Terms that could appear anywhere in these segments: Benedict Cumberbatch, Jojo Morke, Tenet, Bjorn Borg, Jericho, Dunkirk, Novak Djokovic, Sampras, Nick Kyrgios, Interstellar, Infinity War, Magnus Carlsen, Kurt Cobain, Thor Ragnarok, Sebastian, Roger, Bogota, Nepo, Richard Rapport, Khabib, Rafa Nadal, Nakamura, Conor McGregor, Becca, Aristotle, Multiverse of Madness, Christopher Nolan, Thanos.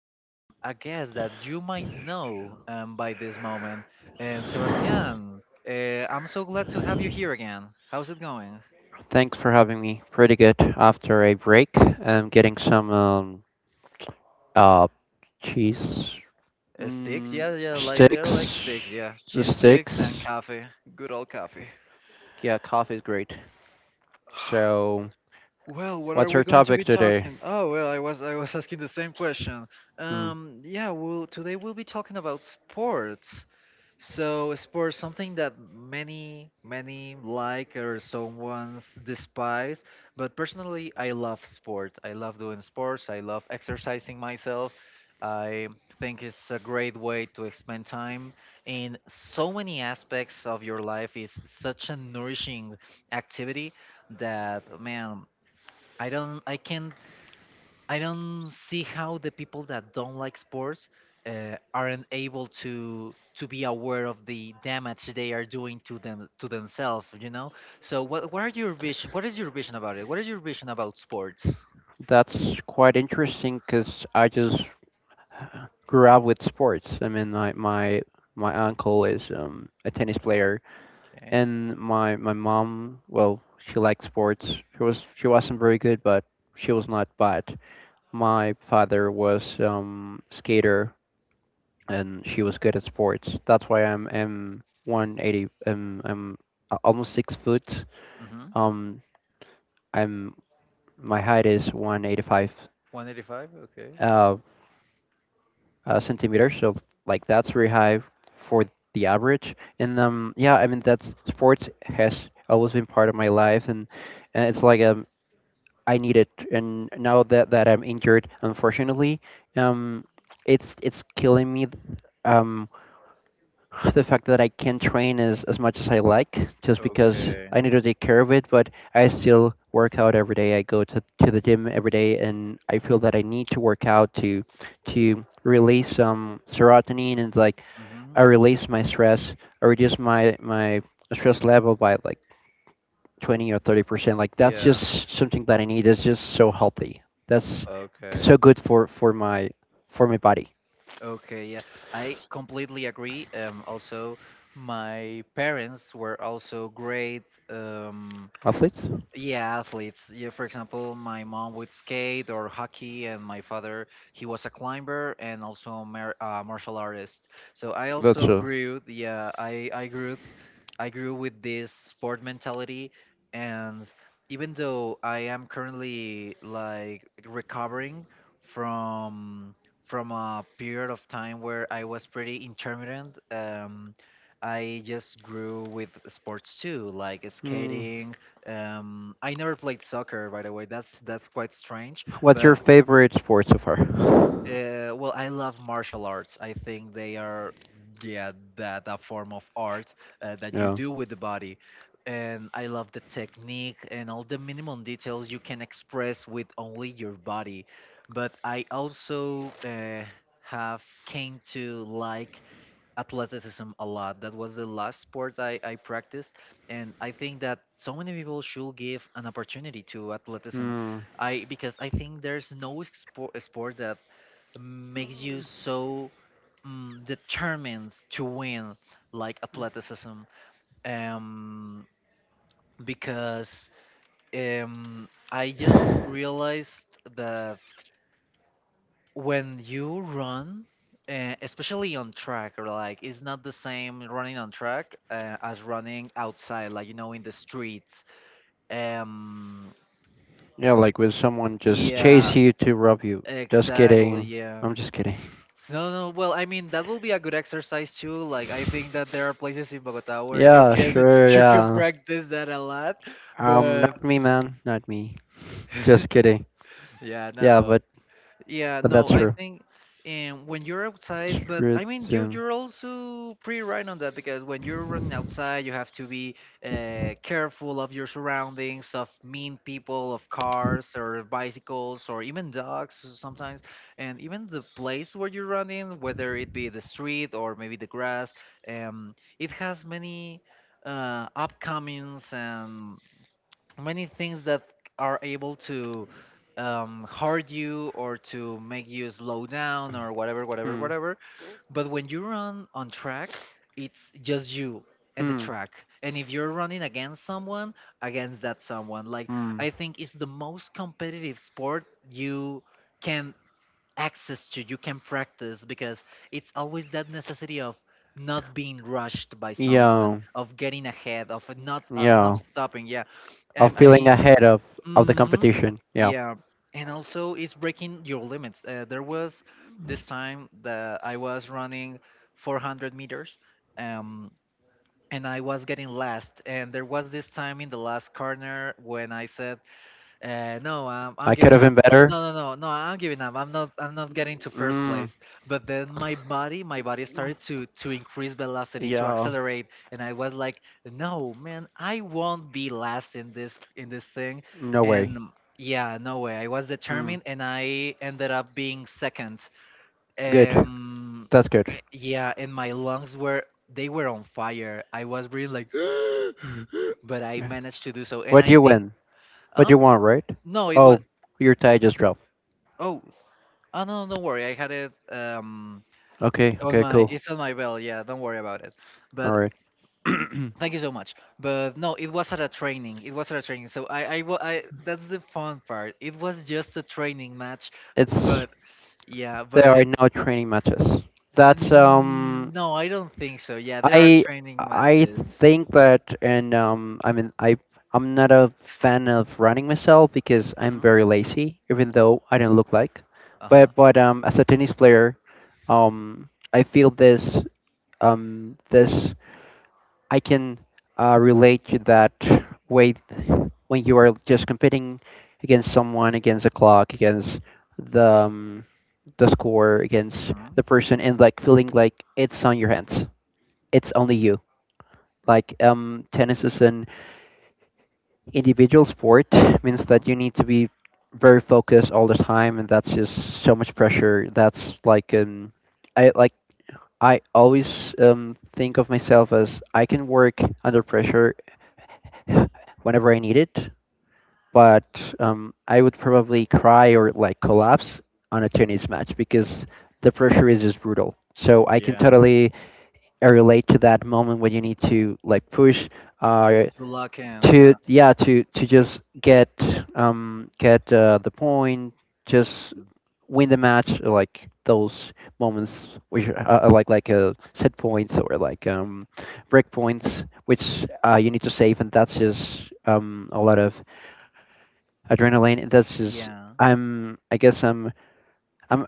a guest that you might know by this moment. And Sebastian, uh, I'm so glad to have you here again. How's it going? Thanks for having me. Pretty good after a break. I'm getting some uh, cheese Sticks? mm, Yeah, yeah, like they're like sticks. sticks, yeah. The Cheese sticks and sticks. coffee. Good old coffee. Yeah, coffee is great. So, Well, what are what's we our going to topic be today? talking? Oh, well, I was asking the same question. Hmm. Yeah, well, today we'll be talking about sports. So, sports something that many like or someone's despise, but personally, I love sport. I love doing sports. I love exercising myself. I think it's a great way to spend time in so many aspects of your life. It's such a nourishing activity that man I can't I don't see how the people that don't like sports aren't able to be aware of the damage they are doing to them to themselves, you know? So what are your vision what is your vision about it? What is your vision about sports? That's quite interesting because I just grew up with sports. I mean, my uncle is a tennis player, Okay. and my mom, well, she liked sports. She wasn't very good, but she was not bad. My father was skater, and she was good at sports. That's why I'm 180, almost 6 foot. Mhm. Um I'm My height is 185 185. Okay. uh, centimeters, so like that's very high for the average. And yeah, I mean, that's sports has always been part of my life, and it's like a, I need it. And now that I'm injured, unfortunately, um, it's killing me. Um, the fact that I can't train as much as I like, just because Okay. I need to take care of it, but I still work out every day. I go to the gym every day, and I feel that I need to work out to release some serotonin, and, like, Mhm. I release my stress. I reduce my stress level by like 20 or 30%. Like, that's Yeah. just something that I need. It's just so healthy. That's Okay. so good for my body. Okay, yeah, I completely agree. Also, my parents were also great. Um, Athletes. yeah, athletes. Yeah, for example, my mom would skate or hockey, and my father, he was a climber and also a martial artist. So I That's also so... grew, yeah, I I grew with this sport mentality, and even though I am currently like recovering from from a period of time where I was pretty intermittent, I just grew with sports too, like Hmm. skating I never played soccer, by the way. That's quite strange. What's your But favorite sport so far? Well, I love martial arts. I think they are, yeah, that form of art that you Yeah. do with the body, and I love the technique and all the minimum details you can express with only your body. But I also have came to like athleticism a lot. That was the last sport I practiced. And I think that so many people should give an opportunity to athleticism. Hmm. I because I think there's no sport, sport that makes you so determined to win like athleticism. Um, because um, I just realized that when you run especially on track or like it's not the same running on track as running outside like you know in the streets. um Like with someone, yeah, you to rob you. exactly, yeah. I'm just kidding. No, No, well, I mean that will be a good exercise too. Like I think that there are places in Bogota where you can you can practice that a lot, a lot, but not me, man. Not me. Just kidding. yeah, Yeah, no. but... Yeah, And... no, I think and when you're outside, but I mean you're also pretty right on that because when you're running outside, you have to be careful of your surroundings, of mean people, of cars or bicycles or even dogs sometimes, and even the place where you're running, whether it be the street or maybe the grass, it has many upcomings and many things that are able to hurt you or to make you slow down or whatever, whatever, whatever. But when you run on track, it's just you and the track. And if you're running against someone, against that someone, Hmm. like I think it's the most competitive sport you can access to you can practice because it's always that necessity of not being rushed by yeah someone Yeah, of getting ahead of not yeah not yeah. stopping yeah Of um, i feeling mean ahead of, the hmm competition. Yeah. yeah. And also it's breaking your limits. There was this time that I was running 400 meters, um, and I was getting last and there was this time in the last corner when I said, no, I'm I could giving have up. been Eh, better. no, no, no, no, I'm giving up. I'm not getting to first Mm. place. But then my body started to increase velocity, to Yeah. accelerate, and I was like, no, man, I won't be last in this thing, No way. and yeah, no way. I was Mm. determined, and I ended up being second. Good. Um, That's good. yeah, and my lungs were they were on fire. I was really like, but I Yeah. managed to do so, and What do I you think, win? What do huh? you want, right? No. No, it was. Oh, your tie just dropped. Oh, oh no, don't worry. I had it Okay, on okay, my cool. it's on my bell. Yeah, don't worry about it. All But right. thank you so much. But no, it was at a training. It was at a training. So I, wa- I that's the fun part. It was just a training match. It's, But yeah, but there are I no training matches. That's... Mm, no, I don't think so. Yeah, there are I training I matches. think that, and I mean, I'm not a fan of running myself, because I'm Mhm. very lazy, even though I don't look like. But Uh-huh. but as a tennis player, I feel this, um this I can relate to that way, when you are just competing against someone, against the clock, against the score, against Mhm. the person, and, like, feeling like it's on your hands. It's only you. Like, tennis is an individual sport, means that Mhm. you need to be very focused all the time, and that's just so much pressure. That's like, I like I always think of myself as, I can work under pressure whenever I need it. But I would probably cry or like collapse on a tennis match, because the pressure is just brutal. So I can Yeah. totally relate to that moment when you need to, like, push. Uh, To lock in. to Yeah. Yeah, to just get the point, just win the match, like those moments, which are like, set points, or like break points, which you need to save, and that's just a lot of adrenaline, and that's just... Yeah. i'm i guess i'm i'm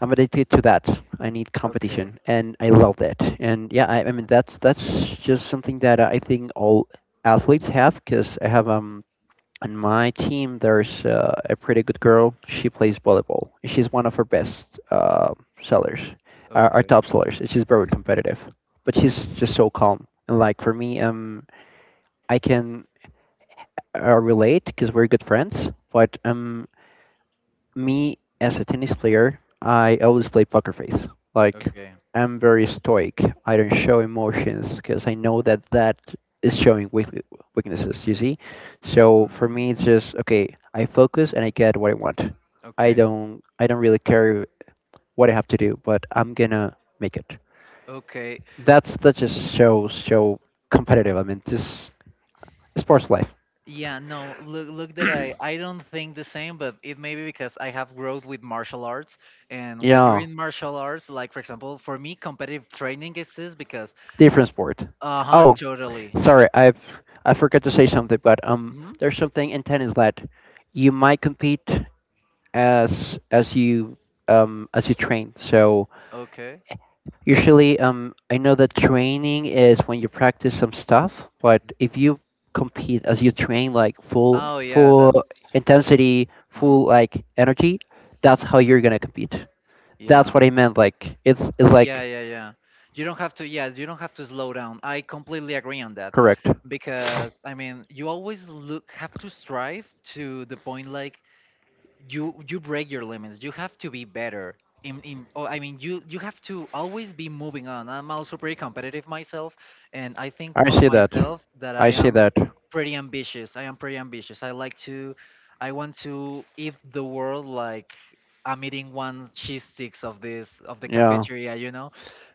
i'm addicted to that. I need Okay. competition, and I love that. And yeah, I mean, that's just something that I think all athletes have. Because I have, on my team, there's a pretty good girl. She plays volleyball. She's one of our best sellers, our Okay. top sellers. She's very competitive, but she's just so calm. And like for me, I can relate, because we're good friends. But me as a tennis player, I always play poker face. Like, Okay. I'm very stoic. I don't show emotions, because I know that that is showing weaknesses, you see? So for Hmm. me, it's just, okay, I focus and I get what I want. I Okay. don't, I don't really care what I have to do, but I'm gonna make it. Okay. That just shows, show competitive. I mean, just sports life. Yeah, no, look look that I don't think the same, but it may be because I have growth with martial arts. And when you're Yeah. in martial arts, like for example, for me, competitive training exists because Different sport. uh-huh, Oh, totally. sorry, I forgot to say something, but Hmm. there's something in tennis that you might compete as as you as you train. So Okay. usually, I know that training is when you practice some stuff, but if Competitive. you compete as you train, like full Oh yeah, full that's intensity, hmm full, like, energy, that's how you're gonna compete. That's yeah. what I meant. Like, it's Yeah, like... yeah, yeah. You don't have to, yeah, you don't have to slow down. I completely agree on that correct. because I mean, you always look have to strive to the point like you break your limits you have to be better in oh, I mean you you have to always be moving on. I'm also pretty competitive myself, and I think I of see that. myself that I I see am that. pretty ambitious. I am pretty ambitious. I like to I want to eat the world, like I'm eating one cheese sticks of this of the Yeah. cafeteria, you know,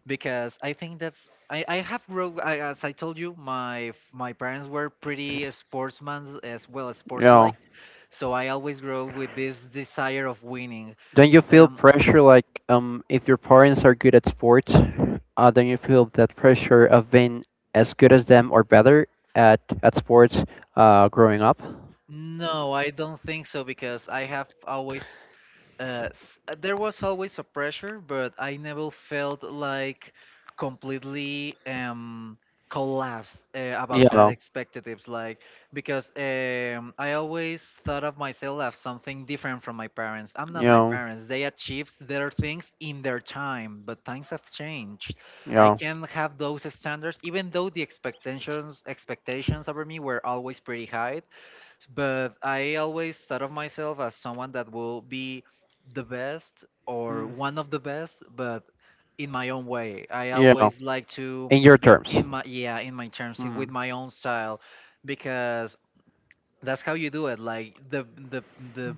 because I think that's I have grow I, as I told you my parents were pretty sportsmen as well as sports Yeah. like, so I always grow with this desire of winning. Don't you feel Um, pressure, like, if your parents are good at sports, don't you feel that pressure of being as good as them, or better at sports, growing up? no, I don't think so because I have always there was always a pressure, but I never felt like completely collapsed about that Yeah. expectatives. Like because I always thought of myself as something different from my parents. I'm not my Yeah. parents. They achieved their things in their time, but times have changed. I Yeah. can have those standards, even though the expectations over me were always pretty high, but I always thought of myself as someone that will be the best or Mm. one of the best, but in my own way. I Yeah. always like to In your be terms. in my yeah in my terms in- Hmm. with my own style because that's how you do it. Like the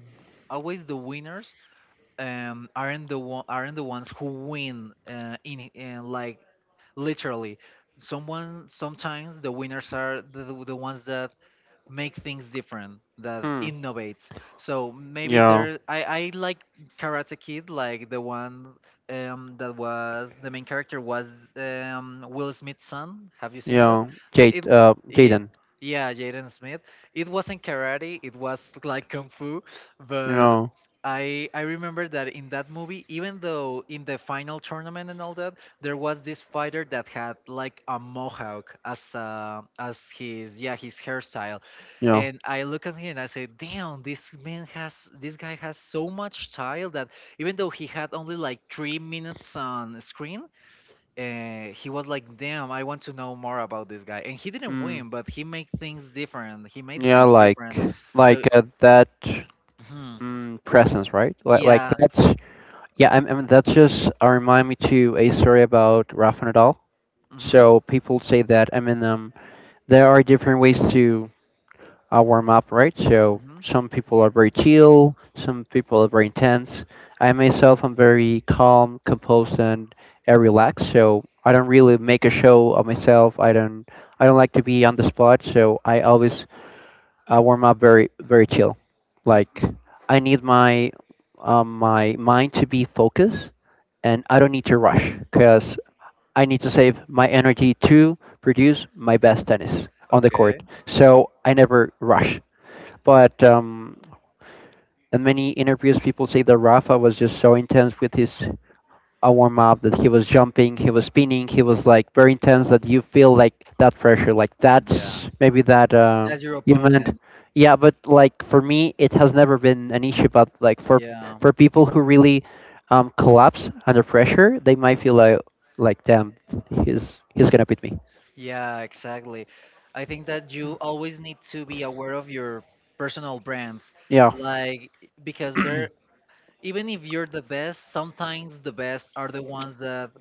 always the winners aren't the one aren't the ones who win in like literally someone sometimes the winners are the ones that make things different that Hmm. innovates. So maybe Yeah. there I like Karate Kid, like the one that was the main character was Will Smith's son, have you seen that? Yeah. The- it Jade, Yeah, Jaden. yeah, Jaden Smith. It wasn't karate, it was like kung fu. But Yeah. I remember that in that movie, even though in the final tournament and all that, there was this fighter that had like a mohawk as his yeah his hairstyle, Yeah. and I look at him and I say, "Damn, this guy has so much style that even though he had only like 3 minutes on screen, he was like, damn, I want to know more about this guy." And he didn't Mm. win, but he made things different. He made Yeah, things like, different. So, that mhm. Presence, right? Like, yeah, Yeah, that's yeah. I mean, that's just, remind me to a story about Rafa Nadal. hmm So people say that, I mean, there are different ways to a warm up, right? So hmm some people are very chill, some people are very intense. I myself am very calm, composed, and relaxed. So I don't really make a show of myself. I don't. I don't like to be on the spot. So I always warm up very, very chill. Like, hmm I need my mind to be focused, and I don't need to rush, because I need to save my energy to produce my best tennis on the okay, court. So I never rush. But in many interviews, people say that Rafa was just so intense with his warm up, that he was jumping, he was spinning, he was, like, very intense, that you feel like that pressure. Like, yeah, that's maybe that that's your you meant. opponent. Yeah, but like for me, it has never been an issue. But like for Yeah. People who really, collapse under pressure, they might feel like, damn, he's gonna beat me. Yeah, exactly. I think that you always need to be aware of your personal brand, Yeah, like because there, even if you're the best, sometimes the best are the ones that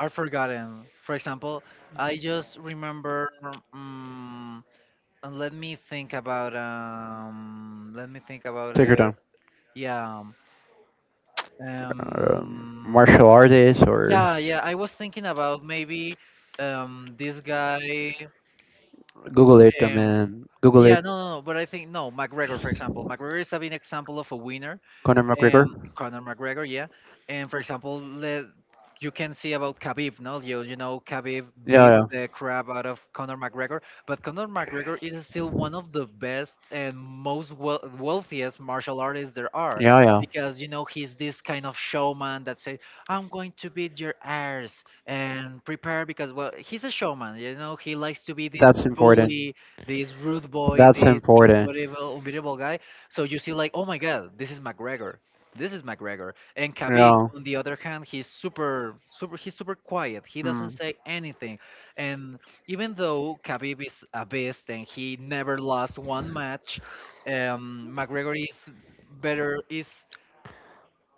are forgotten. For example, I just remember, um, and let me think about, let me think about take her it. down. Yeah, um, Martial artist, or... yeah, yeah. I was thinking about maybe, this guy. Google it. I Um, mean, Google yeah, it. no, no, no. But I think no, McGregor, for example, McGregor is a big example of a winner, Conor McGregor. Conor McGregor, yeah. And for example, let, you can see about Khabib, no? You know, Khabib Yeah, beat yeah, the crap out of Conor McGregor, but Conor McGregor is still one of the best and most wealthiest martial artists there are yeah, yeah. because, you know, he's this kind of showman that says, I'm going to beat your ass and prepare because, well, he's a showman, you know, he likes to be this That's important. bully, this rude boy, That's this important. Unbeatable guy. So you see, like, oh my God, this is McGregor. This is McGregor. And Khabib, Yeah. on the other hand, he's he's super quiet. He doesn't Hmm. say anything. And even though Khabib is a beast and he never lost one match, McGregor is better, is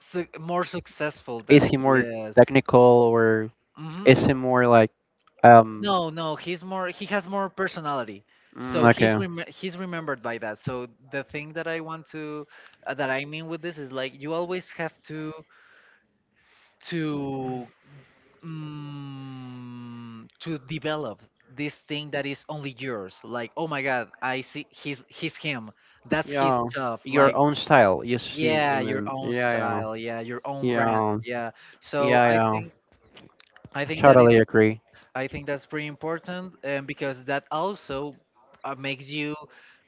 su- more successful Is than he he more is. technical, or Hmm. is he more like um? No, no, he's more, he has more personality. So Okay. He's remembered by that. So the thing that I want to, that I mean with this is like you always have to to develop this thing that is only yours, like, oh my god, I see, he's him, that's his Yeah. stuff, Your like, own style. You see. I yeah, your mean. own Yeah, yeah. style, yeah, your own brand, Yeah, yeah. So yeah, I yeah. think, I I think that is. totally agree. I think that's pretty important, because that also makes you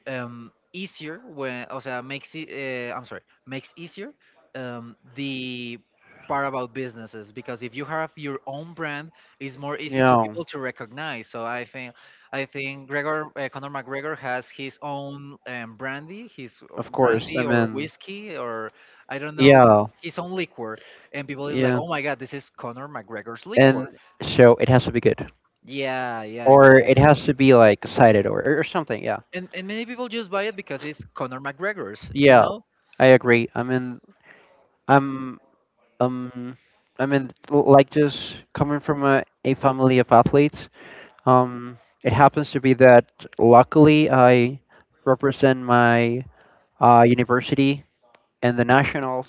easier when, o sea, makes it, I'm sorry, makes easier the part about businesses, because if you have your own brand, it's more easy to Yeah, people to recognize. So I think Gregor, Conor McGregor has his own brandy, his of course. I brandy or mean, whiskey or I don't know, yeah, his own liquor, and people is like, yeah. oh my god, this is Conor McGregor's liquor. And so it has to be good, Yeah, yeah, or it exactly. has to be like cited, or something. Yeah, And many people just buy it because it's Conor McGregor's, you yeah. know? I agree. I mean, I'm um, I mean, like, just coming from a family of athletes. Um, it happens to be that luckily I represent my university and the nationals.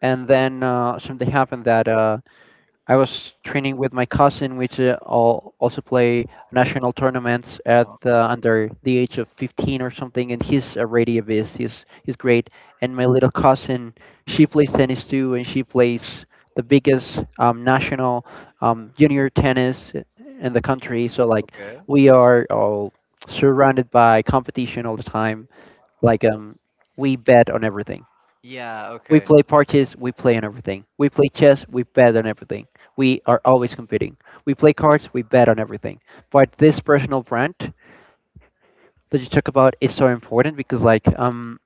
And then something happened, that I was training with my cousin, which, also play national tournaments at, Uh-huh. Under the age of 15 or something. And he's already a beast. He's great. And my little cousin, she plays tennis too, and she plays the biggest national junior tennis in the country. So like, Okay. we are all surrounded by competition all the time. Like, we bet on everything. Yeah, We okay. play parches, we play on everything. We play chess, we bet on everything. We are always competing. We play cards, we bet on everything. But this personal brand that you talk about is so important, because, like,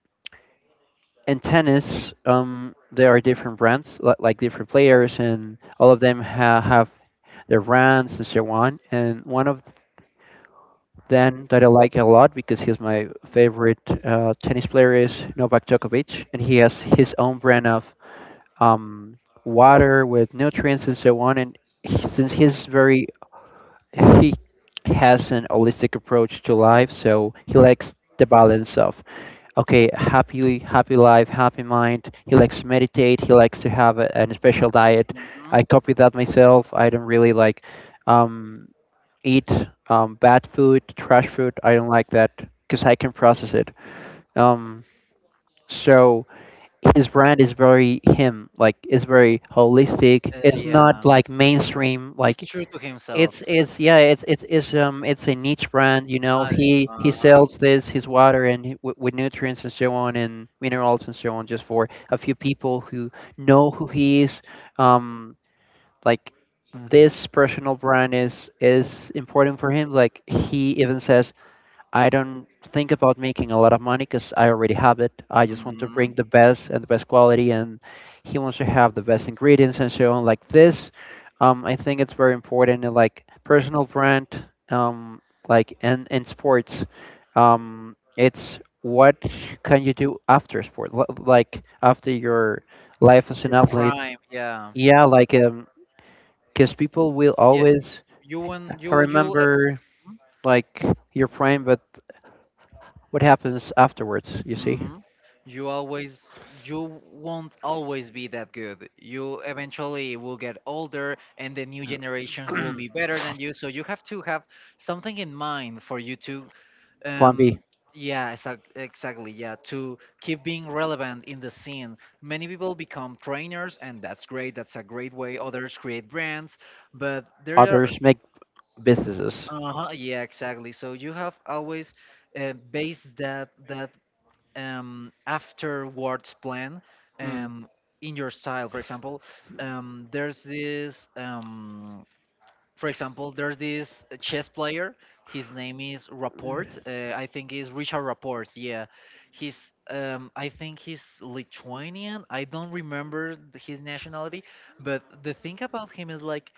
in tennis, there are different brands, like, different players, and all of them have their brands and so on. And one of them that I like a lot, because he's my favorite tennis player, is Novak Djokovic, and he has his own brand of um, water with nutrients and so on. And he, since he's very, he has an holistic approach to life, so he likes the balance of, okay, happy, happy life, happy mind. He likes to meditate. He likes to have an special diet. I Mm-hmm. copy that myself. I don't really like, um, eat, bad food, trash food. I don't like that, because I can process it. Um, so his brand is very him, like, it's very holistic. It's not Yeah, like mainstream. it's Like, true to himself. it's yeah, it's a niche brand. You know, Uh, he uh-huh. sells this, his water, and, with nutrients and so on, and minerals and so on, just for a few people who know who he is. um like, this personal brand is important for him. Like, he even says, I don't think about making a lot of money, because I already have it. I just want to Hmm. bring the best and the best quality, and he wants to have the best ingredients and so on. Like this, I think it's very important. In, like, personal brand, like, and in sports, it's what can you do after sport, like, after your life as an Your athlete. prime, yeah. Yeah, because people will Yeah, always you want I you. remember like your prime, but what happens afterwards, you see. Hmm. You always, you won't always be that good. You eventually will get older, and the new generations will be better than you. So you have to have something in mind for you to, Flamby, um, yeah, exactly, yeah, to keep being relevant in the scene. Many people become trainers, and that's great. That's a great way. Others create brands, but there are, others make businesses. uh-huh, yeah, exactly. So you have always base that afterwards plan, Mm. um, in your style. For example, there's this, for example, there's this chess player. His name is Rapport. I think is Richard Rapport. Yeah, he's. I think he's Lithuanian. I don't remember his nationality, but the thing about him is like,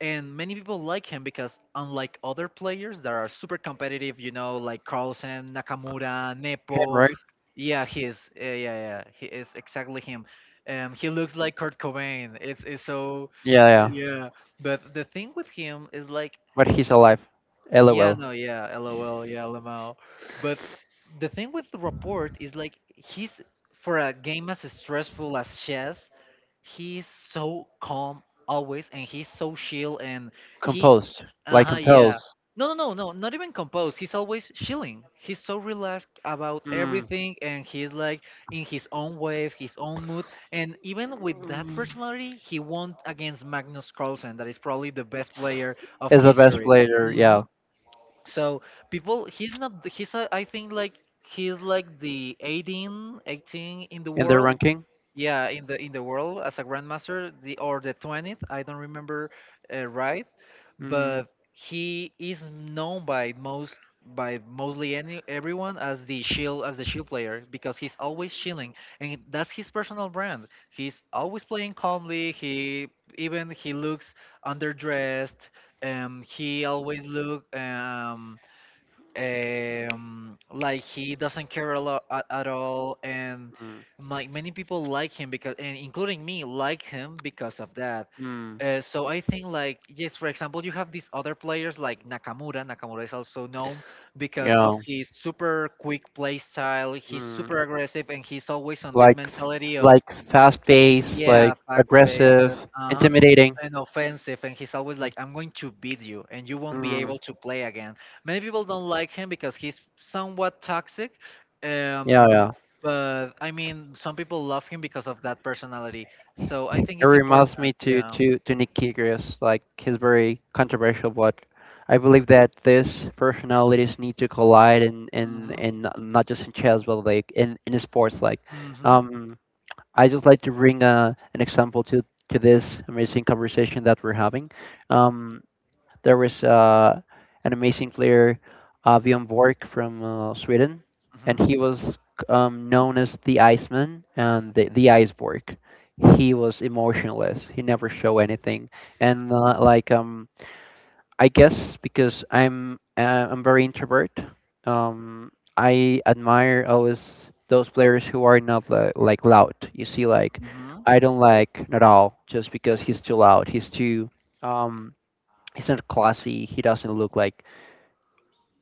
and many people like him because unlike other players that are super competitive, you know, like Carlsen, Nakamura, Him, Nepo, right? yeah, he's. Yeah, yeah, yeah. He is exactly him. He looks like Kurt Cobain. It's so, Yeah, yeah. yeah. But the thing with him is like, But he's alive. yeah, LOL. no, yeah, LOL, yeah, LMAO. But the thing with the report is like he's, for a game as stressful as chess, he's so calm always, and he's so chill, and he, Composed. uh Like huh, yeah. composed. No, no, no, no, not even composed. He's always chilling. He's so relaxed about Mm. everything, and he's like in his own wave, his own mood. And even with that Mm. personality, he won against Magnus Carlsen, that is probably the best player of Is the best history. player, Mm-hmm. yeah. So people, he's not he's a, I think like he's like the 18 in the In their world, ranking? yeah, in the world as a grandmaster, the or the 20th, I don't remember, right, Mm. but he is known by most, by mostly any everyone as the shield, as the shield player because he's always shielding, and that's his personal brand. He's always playing calmly. He, even he looks underdressed, he always look like he doesn't care a lot at all, and Mm. like many people like him because, and including me, like him because of that. Mm. So I think, like, yes, for example, you have these other players like Nakamura. Nakamura is also known because Yeah. of his super quick play style. He's Mm. super aggressive and he's always on this like mentality of, like fast paced, like yeah, fact-based, aggressive, and uh-huh, intimidating. and offensive, and he's always like, I'm going to beat you and you won't be Mm. able to play again. Many people don't like him because he's somewhat toxic. Yeah, Um yeah. but I mean some people love him because of that personality. So I think It it's reminds me important, to yeah. to to Nick Kyrgios. Like he's very controversial, but I believe that these personalities need to collide in in Mhm. in not just in chess, but like in sports. Like, Mhm. um, I just like to bring an example to this amazing conversation that we're having. Um, There was an amazing player, Bjorn Borg from Sweden, and he Mhm. was known as the Iceman and the Iceborg. He was emotionless. He never showed anything, and I guess because I'm very introvert. Um, I admire always those players who are not li- like loud. You see, like Mhm. I don't like Nadal just because he's too loud. He's too um he's not classy. He doesn't look like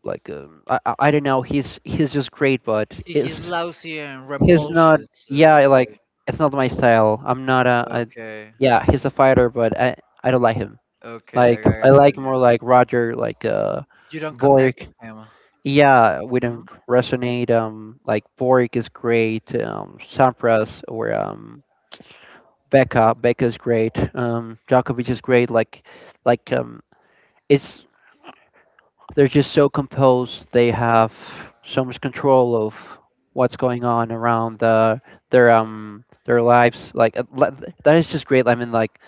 I don't know. He's just great, but He's it's lousy and he's not. rambunctious. Yeah, like it's not my style. I'm not a. Okay. Okay. yeah, he's a fighter, but I don't like him. Okay, I Like I got it. like more Yeah. like Roger, like You don't connect Borg. with him. Yeah, we don't Mhm. resonate. Like Borg is great. Sampras or Becca's great. Djokovic is great. Like um, it's they're just so composed. They have so much control of what's going on around their lives. Like that is just great. I mean, like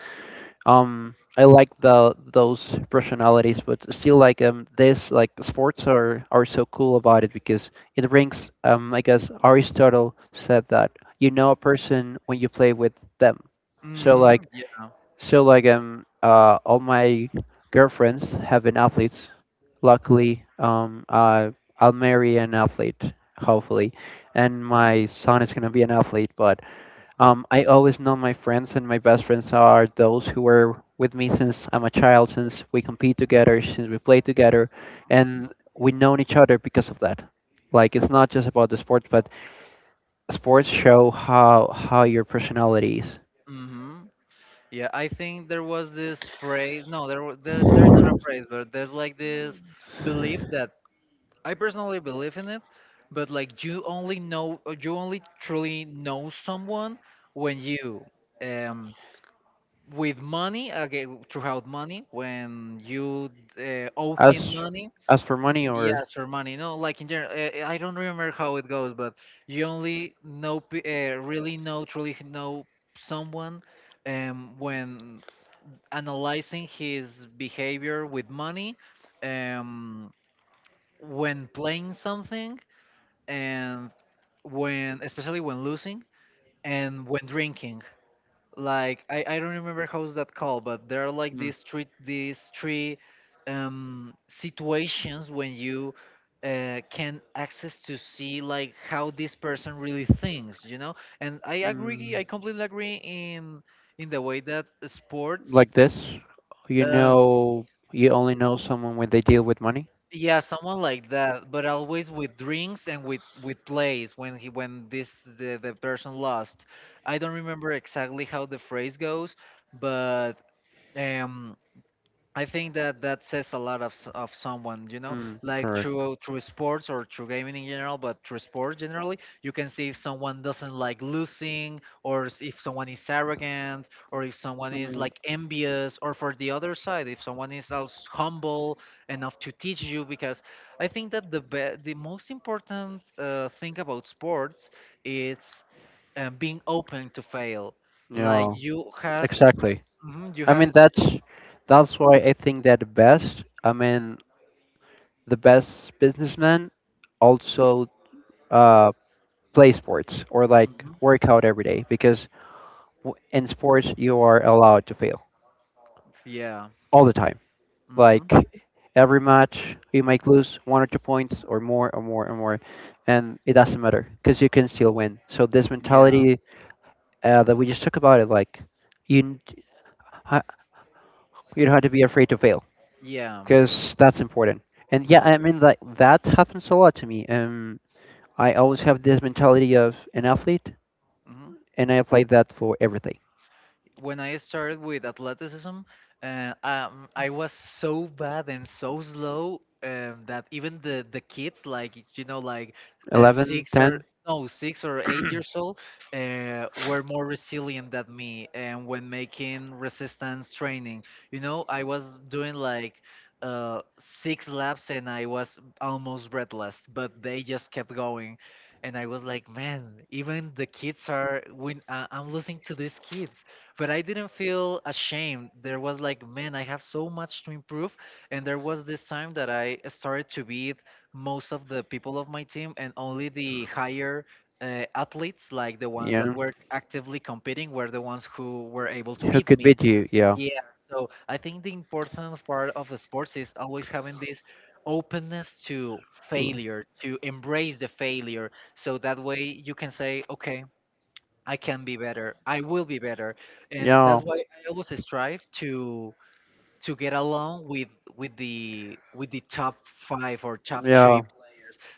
um, I like the those personalities, but still, this like the sports are so cool about it because it brings I guess Aristotle said that you know a person when you play with them. So Mhm. like Yeah. so all my girlfriends have been athletes luckily. I I'll marry an athlete hopefully, and my son is going to be an athlete. But I always Mm. know my friends, and my best friends are those who were with me since I'm a child, since we compete together, since we play together and we know each other because of that. Like it's not just about the sports, but sports show how your personality is. Mhm. Yeah, I think there was this phrase. No, there's not a phrase, but there's like this belief that I personally believe in it, but like you only know, or you only truly know someone when you, um with money, okay, throughout money, when you owe him as money. as for money or Yes, for money. No, like in general, I don't remember how it goes, but you only know, really know, truly know someone, when analyzing his behavior with money, um, when playing something, and when, especially when losing, and when drinking, like, I don't remember how's that called, but there are like mm, these three situations when you can access to see, like, how this person really thinks, you know. And I agree, mm. I completely agree in, the way that sports, Like this. You um, know, you only know someone when they deal with money. yeah, someone like that, but always with drinks and with plays when he when this the person lost. I don't remember exactly how the phrase goes, but. um I think that that says a lot of of someone, you know, Mm, like correct. through sports, or through gaming in general, but through sports generally, you can see if someone doesn't like losing, or if someone is arrogant, or if someone is Mm. like envious, or for the other side, if someone is also humble enough to teach you. Because I think that the most important thing about sports is being open to fail. Like Yeah, you has, exactly. mhm, you I mean, has. That's why I think that the best. I mean, the best businessmen also uh, play sports or like work out every day because in sports you are allowed to fail Yeah, like. all the time. Mm-hmm, Like right? every match you might lose 1 or 2 points or more, and it doesn't matter because you can still win. So this Yeah. mentality that we just talked about it. Like you n- ha- you don't have to be afraid to fail Yeah. because that's important. And yeah, I mean, like that happens a lot to me. I always have this mentality of an athlete, Hmm. and I apply that for everything. When I started with athleticism, I was so bad and so slow, that even the kids, like, you know, like 11, six ten. or no 6 or 8 years old, were more resilient than me. And when making resistance training, you know, I was doing like. Six laps and I was almost breathless, but they just kept going, and I was like, "Man, even the kids are, I'm losing to these kids." But I didn't feel ashamed. There was like, man, I have so much to improve. And there was this time that I started to beat most of the people of my team, and only the higher athletes, like the ones that Yeah. were actively competing, were the ones who were able to Who beat could me. beat you? Yeah. Yeah. So I think the important part of the sports is always having this openness to Mm. failure, to embrace the failure. So that way you can say, okay, I can be better. I will be better, and Yeah. that's why I always strive to get along with the top five or top three. Yeah.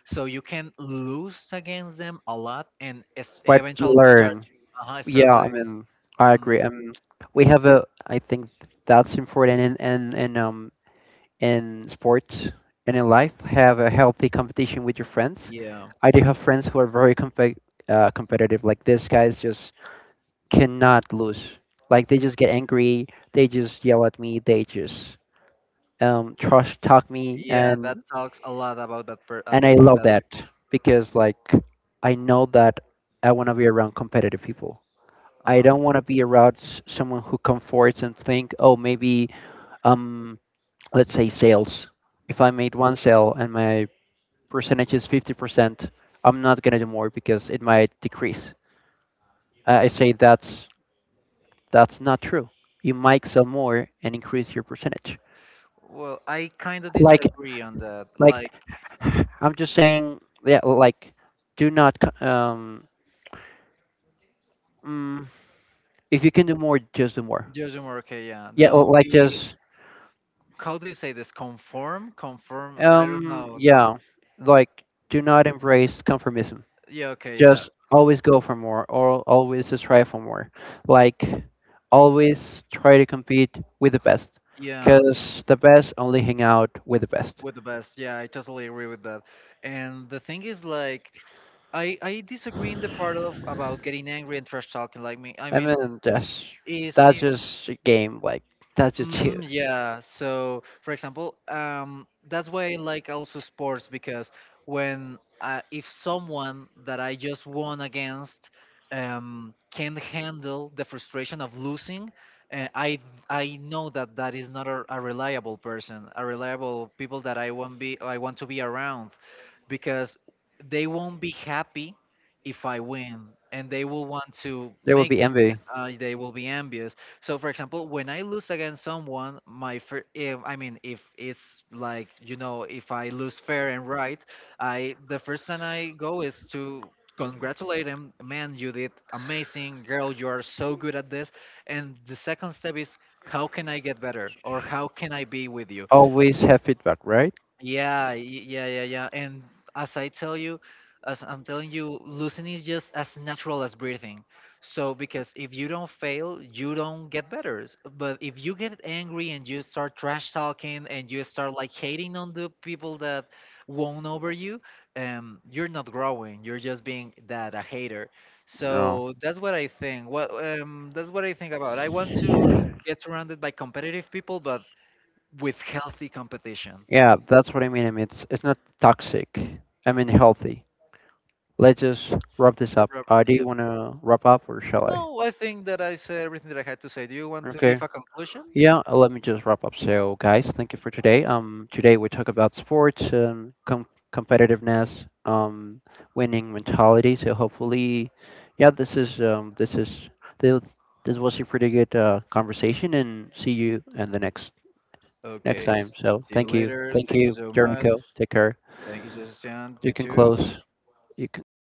So you can lose against them a lot, and But eventually start. learn. Uh-huh, Yeah, I mean, I agree. mhm, We have a. I think that's important in sports and in life. Have a healthy competition with your friends. yeah, I do have friends who are very competitive. Like these guys just cannot lose. Like they just get angry. They just yell at me. They just trash talk me, yeah. That talks a lot about that per and I that love that that people. because like I know that I want to be around competitive people. Uh I huh. don't want to be around someone who comforts and think, oh, maybe um, let's say sales. If I made one sale and my percentage is 50%, I'm not gonna do more because it might decrease. I say that's not true. You might sell more and increase your percentage. Well, I kind of Like disagree on that. like Like I'm just saying yeah like do not c- um mm, if you can do more just do more. Jojo Morke, yeah. Yeah Don't like be. just How do you say this? Conform? Conform? I don't um know. No. yeah like do not embrace conformism. Yeah. Okay. Yeah. Just always go for more or always strive for more. Like always try to compete with the best Yeah. because the best only hang out with the best. With the best. Yeah. I totally agree with that. And the thing is, like, I disagree in the part of about getting angry and trash talking. Like me. I I mean, mean, is that's if, just a game. Like that's just you. hmm, yeah. So, for example, that's why I like also sports, because when if someone that I just won against can't handle the frustration of losing, uh, I I know that that is not a reliable person, a reliable people that I want to be around, because they won't be happy if I win, and they will want to There will make. be envy. They will be envious. So, for example, when I lose against someone, if, I mean, if it's like, you know, if I lose fair and right, I the first time I go is to congratulate him. Man, you did amazing, girl. You are so good at this. And the second step is, how can I get better, or how can I be with you? Always have feedback, right? Yeah, yeah, yeah, yeah. And as I tell you, as I'm telling you, losing is just as natural as breathing. So, because if you don't fail, you don't get better. But if you get angry and you start trash talking and you start like hating on the people that won over you, you're not growing. You're just being that a hater. No. So that's what I think. What that's what I think about. I want to get surrounded by competitive people, but with healthy competition. Yeah, that's what I mean. I mean, it's not toxic. I mean, healthy. Let's just wrap this up. Do you Yeah, want to wrap up or shall I? no, I think that I said everything that I had to say. Do you want to Okay. give a conclusion? Yeah, let me just wrap up. So, guys, thank you for today. Today we talk about sports, competitiveness, um, winning mentality. So hopefully, yeah, this, this was a pretty good conversation, and see you in the next Okay. time. So See you later. thank Thank you you, so much. Jericho. Take care. Thank you, Sebastian. You You can too. close. You can close.